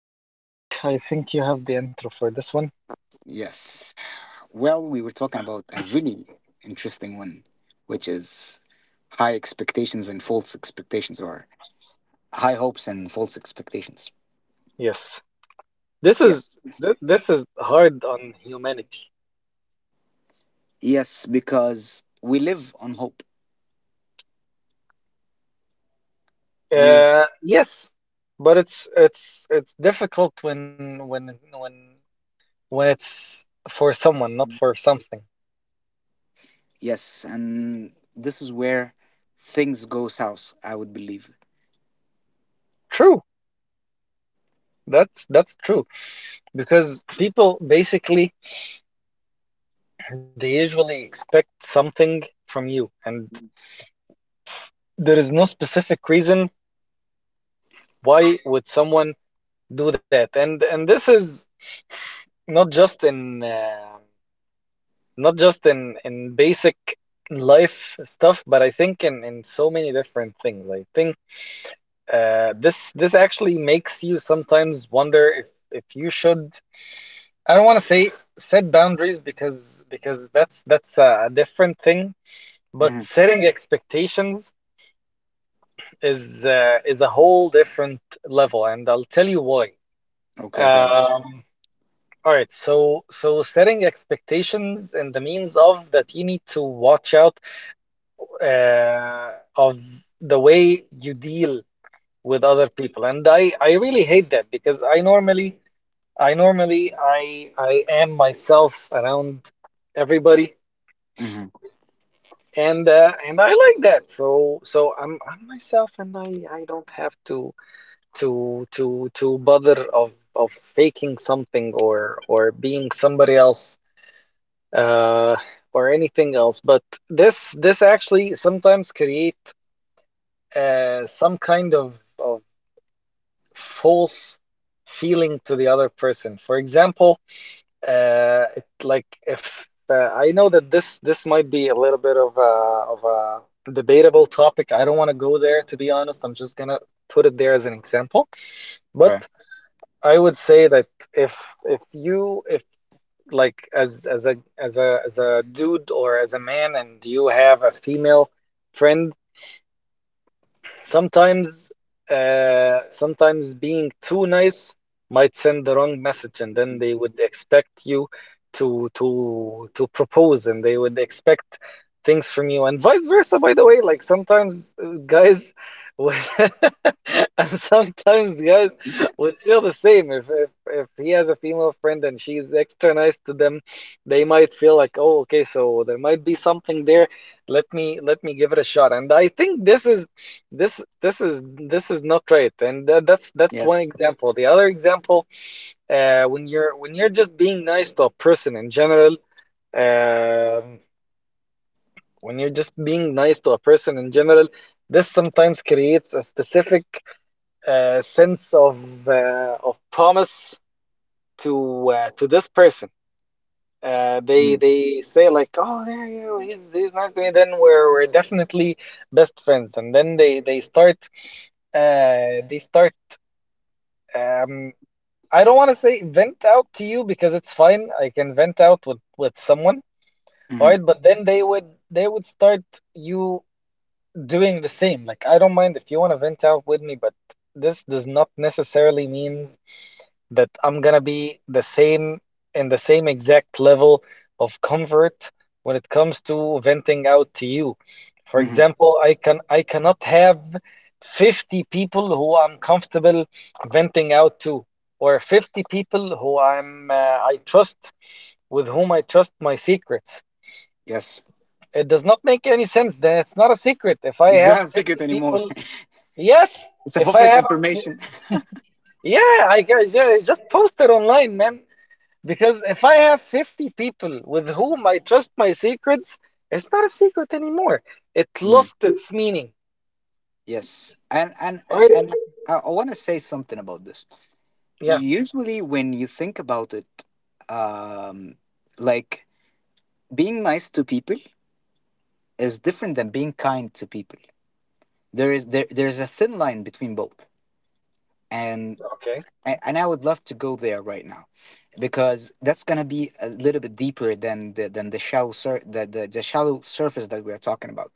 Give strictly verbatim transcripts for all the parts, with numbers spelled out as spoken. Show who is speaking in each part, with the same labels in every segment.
Speaker 1: Welcome back. I think you have the intro for this one.
Speaker 2: Yes. Well, we were talking about a really interesting one, which is high expectations and false expectations, or high hopes and false expectations.
Speaker 1: Yes. This is
Speaker 2: Yes.
Speaker 1: th- this is hard on humanity.
Speaker 2: Yes, because we live on hope. We,
Speaker 1: Uh yes. But it's it's it's difficult when when when when it's for someone, not for something.
Speaker 2: yes, and this is where things go south, I would believe.
Speaker 1: True. That's that's true. Because people basically they usually expect something from you and there is no specific reason why would someone do that. And and this is not just in uh, not just in in basic life stuff, but I think in in so many different things. I think uh this this actually makes you sometimes wonder if if you should, I don't want to say set boundaries because because that's that's a, different thing, but
Speaker 2: hmm
Speaker 1: setting expectations is uh, is a whole different level, and I'll tell you why.
Speaker 2: Okay, Tad.
Speaker 1: um all right, so so setting expectations in the means of that you need to watch out uh, of the way you deal with other people. And i i really hate that because I normally, I normally i i am myself around everybody.
Speaker 2: hmm
Speaker 1: And uh, and I like that, so so i'm i'm myself and i i don't have to to to to bother of of faking something or or being somebody else, uh or anything else. But this this actually sometimes create uh, some kind of, of false feeling to the other person. For example, uh, it, like if uh, I know that this this might be a little bit of a, of a debatable topic. I don't want to go there, to be honest. I'm just gonna put it there as an example.
Speaker 2: Okay.
Speaker 1: But I would say that if if you if like as as a as a as a dude, or as a man, and you have a female friend. Sometimes, uh, sometimes being too nice might send the wrong message, and then they would expect you to to to propose, and they would expect things from you, and vice versa. By the way, like sometimes uh, guys would, and sometimes guys would feel the same. If if if he has a female friend and she's extra nice to them, they might feel like, oh, okay, so there might be something there. Let me let me give it a shot. And I think this is this this is this is not right. And tha- that's that's one
Speaker 2: Yes.
Speaker 1: example. The other example, uh when you're when you're just being nice to a person in general, um when you're just being nice to a person in general, this sometimes creates a specific uh sense of uh, of promise to uh, to this person. uh, they they say like, oh yeah, yeah, he's he's nice to me, then we're we're definitely best friends. And then they they start uh they start, um, I don't want to say vent out to you, because it's fine. I can vent out with with someone, all
Speaker 2: Mm-hmm.
Speaker 1: right? But then they would they would start you doing the same. Like I don't mind if you want to vent out with me, but this does not necessarily means that I'm gonna be the same in the same exact level of comfort when it comes to venting out to you. For
Speaker 2: hmm
Speaker 1: example, I can I cannot have fifty people who I'm comfortable venting out to, or fifty people who I'm uh, I trust, with whom I trust my secrets.
Speaker 2: Yes.
Speaker 1: It does not make any sense. Then it's not a secret. If I
Speaker 2: It's
Speaker 1: have
Speaker 2: not a secret
Speaker 1: fifty
Speaker 2: anymore.
Speaker 1: people, yes.
Speaker 2: It's a
Speaker 1: If I
Speaker 2: public
Speaker 1: have,
Speaker 2: information.
Speaker 1: yeah, I, I ju- I just posted online, man. Because if I have fifty people with whom I trust my secrets, it's not a secret anymore. It
Speaker 2: Mhm.
Speaker 1: lost its meaning.
Speaker 2: Yes, and and
Speaker 1: All right.
Speaker 2: a- and I, I want to say something about this.
Speaker 1: Yeah.
Speaker 2: Usually, when you think about it, um, like being nice to people is different than being kind to people. There is there there's a thin line between both, and
Speaker 1: Okay.
Speaker 2: a- and I would love to go there right now, because that's gonna be a little bit deeper than the than the shallow sur- the, the the shallow surface that we are talking about.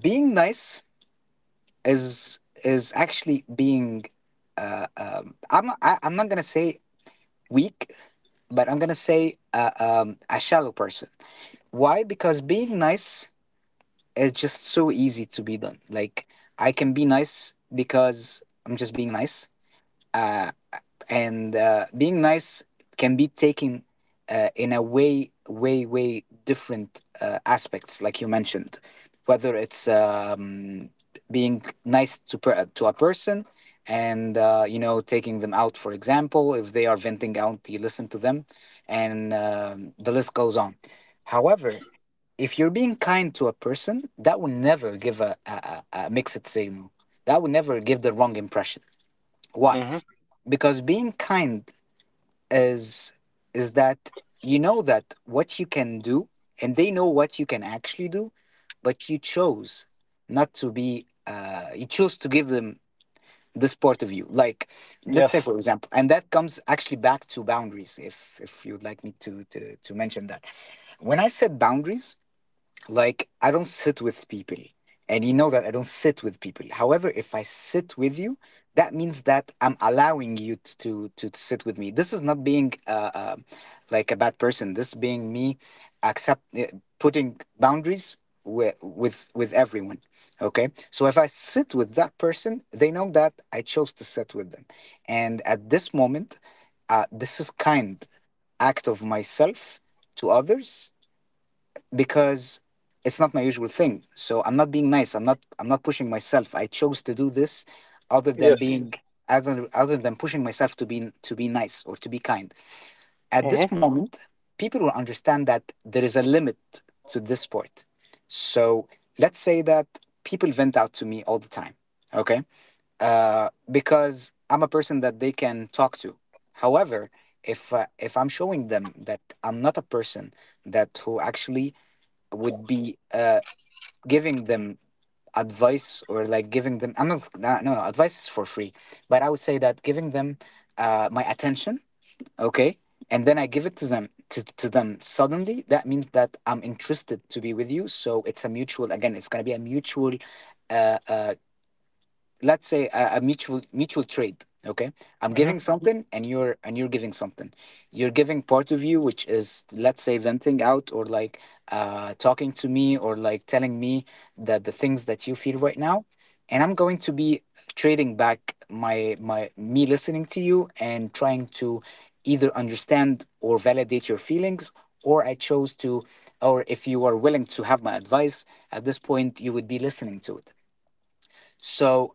Speaker 2: Being nice is is actually being uh, um, I'm not- I, I'm not gonna say weak, but I'm gonna say uh, um, a shallow person. Why? Because being nice is just so easy to be done. Like I can be nice because I'm just being nice. Uh, and uh, being nice can be taken uh, in a way way way different uh, aspects like you mentioned, whether it's um, being nice to per- to a person and uh, you know, taking them out, for example, if they are venting out, you listen to them, and um, the list goes on. However, if you're being kind to a person, that will never give a, a, a a mixed signal, that will never give the wrong impression. Why?
Speaker 1: hmm
Speaker 2: Because being kind is is that you know that what you can do and they know what you can actually do, but you chose not to be uh, you chose to give them this part of you. Like, let's say,
Speaker 1: Yes.
Speaker 2: for example, and that comes actually back to boundaries, if if you would like me to to, to mention that, when I said boundaries, like, I don't sit with people. And you know that I don't sit with people. However, if I sit with you, that means that I'm allowing you t- to to, to sit with me. This is not being uh, uh, like a bad person. This being me, accept uh, putting boundaries with with with everyone. Okay, so if I sit with that person, they know that I chose to sit with them. And at this moment, uh, this is kind act of myself to others, because it's not my usual thing. So I'm not being nice. I'm not I'm not pushing myself. I chose to do this other than
Speaker 1: Yes.
Speaker 2: being other other than pushing myself to be to be nice or to be kind. At
Speaker 1: hmm
Speaker 2: this moment, people will understand that there is a limit to this sport. So let's say that people vent out to me all the time. Okay? Uh, because I'm a person that they can talk to. However, if uh, if I'm showing them that I'm not a person that who actually would be uh, giving them advice, or like giving them, I'm not, no, no advice is for free, but I would say that giving them uh, my attention, okay, and then I give it to them, to, to them suddenly, that means that I'm interested to be with you. So it's a mutual, again, it's going to be a mutual uh, uh, let's say a, a mutual mutual trade, okay? I'm
Speaker 1: hmm
Speaker 2: giving something and you're and you're giving something. You're giving part of you, which is, let's say, venting out, or like uh talking to me, or like telling me that the things that you feel right now, and I'm going to be trading back my my me listening to you and trying to either understand or validate your feelings, or I chose to, or if you are willing to have my advice, at this point you would be listening to it. So,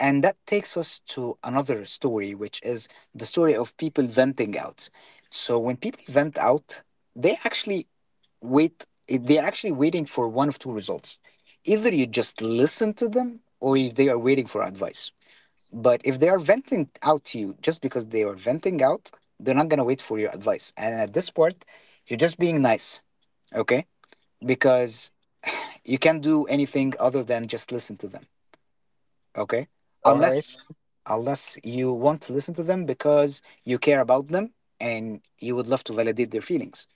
Speaker 2: and that takes us to another story, which is the story of people venting out. So when people vent out, they actually wait, they're actually waiting for one of two results. Either you just listen to them or they are waiting for advice. But if they are venting out to you just because they are venting out, they're not going to wait for your advice. And at this part, you're just being nice, okay? Because you can't do anything other than just listen to them. Okay.
Speaker 1: All right.
Speaker 2: Unless unless you want to listen to them because you care about them and you would love to validate their feelings.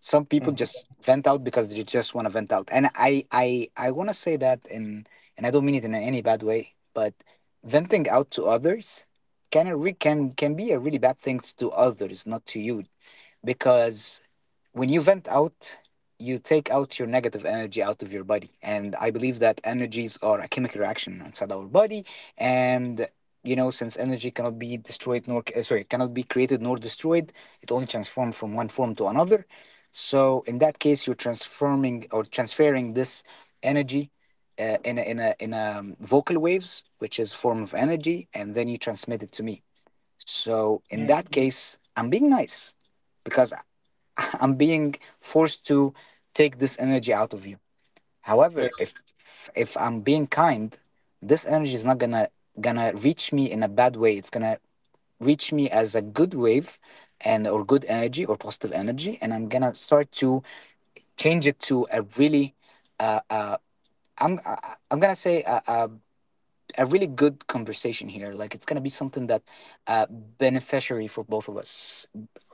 Speaker 2: Some people
Speaker 1: Mm-hmm.
Speaker 2: just vent out because they just want to vent out. And I I I want to say that, in and I don't mean it in any bad way, but venting out to others can a re- can can be a really bad thing to others, not to you, because when you vent out, you take out your negative energy out of your body. And I believe that energies are a chemical reaction inside our body. And, you know, since energy cannot be destroyed nor, uh, sorry, cannot be created nor destroyed, it only transforms from one form to another. So in that case, you're transforming or transferring this energy Uh, in a, in a, in a um, vocal waves, which is form of energy, and then you transmit it to me. So in
Speaker 1: Mm.
Speaker 2: that case, I'm being nice because I'm being forced to take this energy out of you. However,
Speaker 1: Yes.
Speaker 2: if if I'm being kind, this energy is not gonna gonna reach me in a bad way. It's gonna reach me as a good wave and or good energy or positive energy, and I'm gonna start to change it to a really uh, uh, I'm I- I'm gonna say a, a, a really good conversation here. Like it's gonna be something that uh, beneficiary for both of us.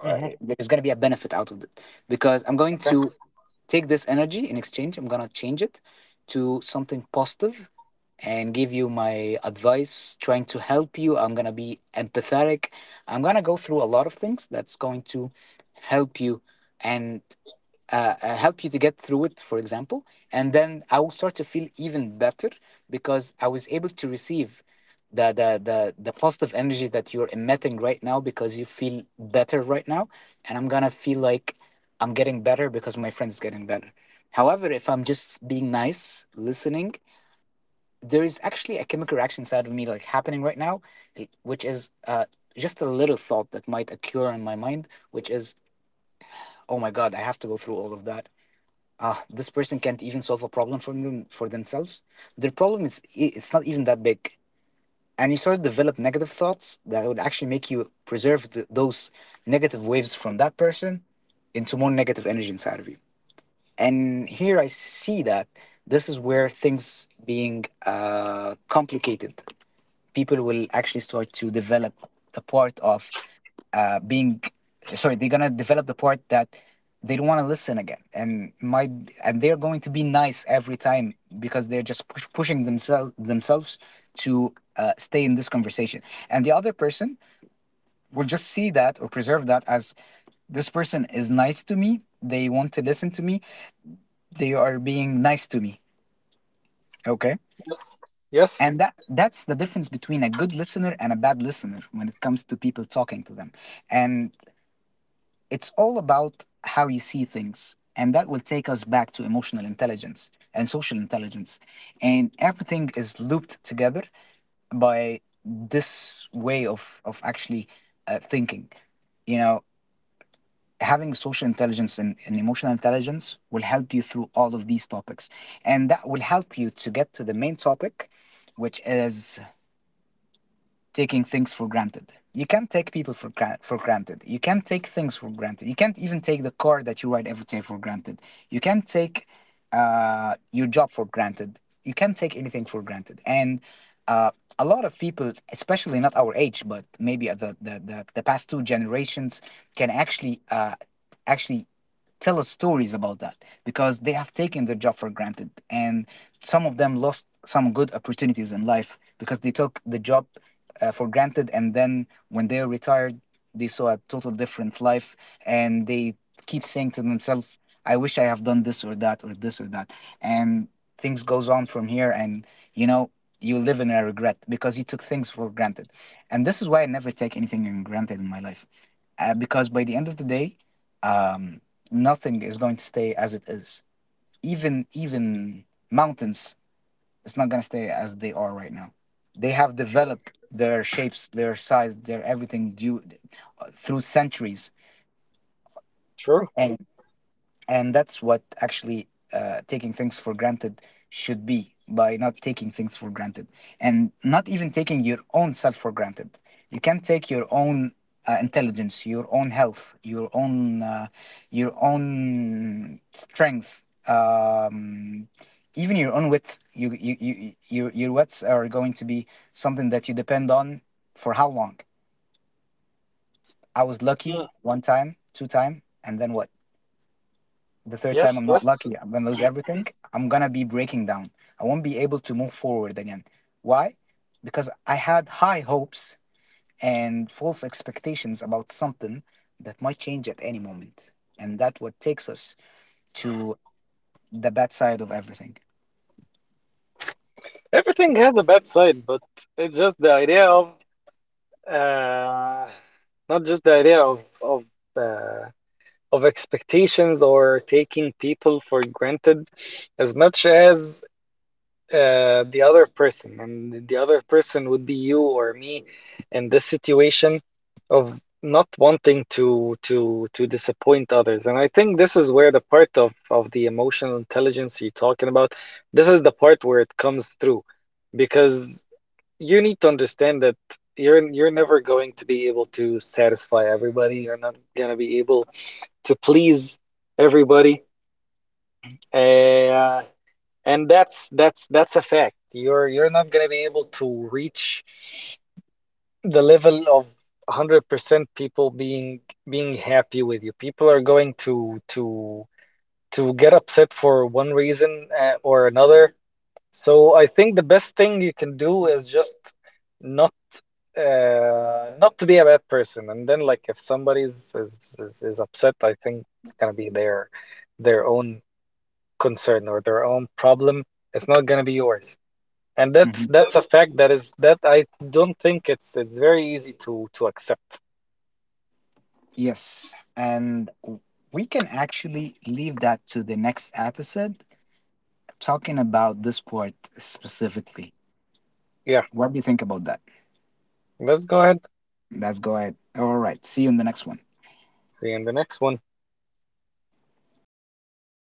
Speaker 2: Uh,
Speaker 1: hmm
Speaker 2: There's gonna be a benefit out of it, because I'm going
Speaker 1: Okay.
Speaker 2: to take this energy. In exchange, I'm gonna change it to something positive and give you my advice, trying to help you. I'm gonna be empathetic, I'm gonna go through a lot of things that's going to help you and uh, uh, help you to get through it, for example. And then I will start to feel even better because I was able to receive the, the, the, the positive energy that you're emitting right now, because you feel better right now. And I'm going to feel like I'm getting better because my friend is getting better. However, if I'm just being nice, listening, there is actually a chemical reaction inside of me like happening right now, eh, which is uh, just a little thought that might occur in my mind, which is, oh my God, I have to go through all of that. Ah, this person can't even solve a problem for them for themselves. Their problem is, i- it's not even that big, and you start to develop negative thoughts that would actually make you preserve th- those negative waves from that person into more negative energy inside of you. And here I see that this is where things being uh, complicated. People will actually start to develop the part of uh, being sorry they're gonna develop the part that they don't want to listen again, and might, and they're going to be nice every time, because they're just push, pushing themselves themselves to uh, stay in this conversation, and the other person will just see that or preserve that as, this person is nice to me, they want to listen to me, they are being nice to me, okay?
Speaker 1: Yes. Yes.
Speaker 2: And that that's the difference between a good listener and a bad listener when it comes to people talking to them. And it's all about how you see things, and that will take us back to emotional intelligence and social intelligence, and everything is looped together by this way of of actually uh, thinking, you know. Having social intelligence and, and emotional intelligence will help you through all of these topics, and that will help you to get to the main topic, which is taking things for granted. You can't take people for gra- for granted. You can't take things for granted. You can't even take the car that you ride every day for granted. You can't take uh, your job for granted. You can't take anything for granted. And uh, a lot of people, especially not our age, but maybe the the, the, the past two generations, can actually uh, actually tell us stories about that, because they have taken their job for granted, and some of them lost some good opportunities in life because they took the job uh, for granted, and then when they are retired, they saw a total different life, and they keep saying to themselves, I wish I have done this or that or this or that. And things goes on from here, and you know, you live in a regret because you took things for granted. And this is why I never take anything in granted in my life, uh, because by the end of the day, um, nothing is going to stay as it is, even even mountains, it's not gonna stay as they are right now. They have developed their shapes, their size, their everything due uh, through centuries,
Speaker 1: True.
Speaker 2: and and that's what actually uh, taking things for granted should be, by not taking things for granted, and not even taking your own self for granted. You can not take your own uh, intelligence, your own health, your own uh, your own strength, um, even your own width, you, you, you, you your your widths are going to be something that you depend on. For how long? I was lucky
Speaker 1: Mm.
Speaker 2: one time, two time, and then what? The third time
Speaker 1: Yes.
Speaker 2: I'm not
Speaker 1: Yes.
Speaker 2: lucky, I'm gonna lose everything. I'm gonna be breaking down. I won't be able to move forward again. Why? Because I had high hopes and false expectations about something that might change at any moment, and that what takes us to the bad side of everything.
Speaker 1: Everything has a bad side, but it's just the idea of uh, not just the idea of of uh, of expectations or taking people for granted, as much as uh, the other person. And the other person would be you or me in this situation of not wanting to to to disappoint others. And I think this is where the part of of the emotional intelligence you're talking about, this is the part where it comes through. Because you need to understand that you're you're never going to be able to satisfy everybody. You're not going to be able to please everybody. Uh, and that's that's that's a fact. You're you're not gonna be able to reach the level of one hundred percent people being being happy with you. People are going to to to get upset for one reason, uh, or another. So I think the best thing you can do is just not uh, not to be a bad person. And then, like, if somebody's is is, is upset, I think it's gonna be their their own concern or their own problem. It's not going to be yours. And that's
Speaker 2: Mhm.
Speaker 1: that's a fact that is that I don't think it's it's very easy to to accept.
Speaker 2: Yes, and w- we can actually leave that to the next episode, talking about this part specifically.
Speaker 1: Yeah,
Speaker 2: What do you think about that?
Speaker 1: let's go ahead.
Speaker 2: Let's go ahead. All right. See you in the next one.
Speaker 1: See you in the next one.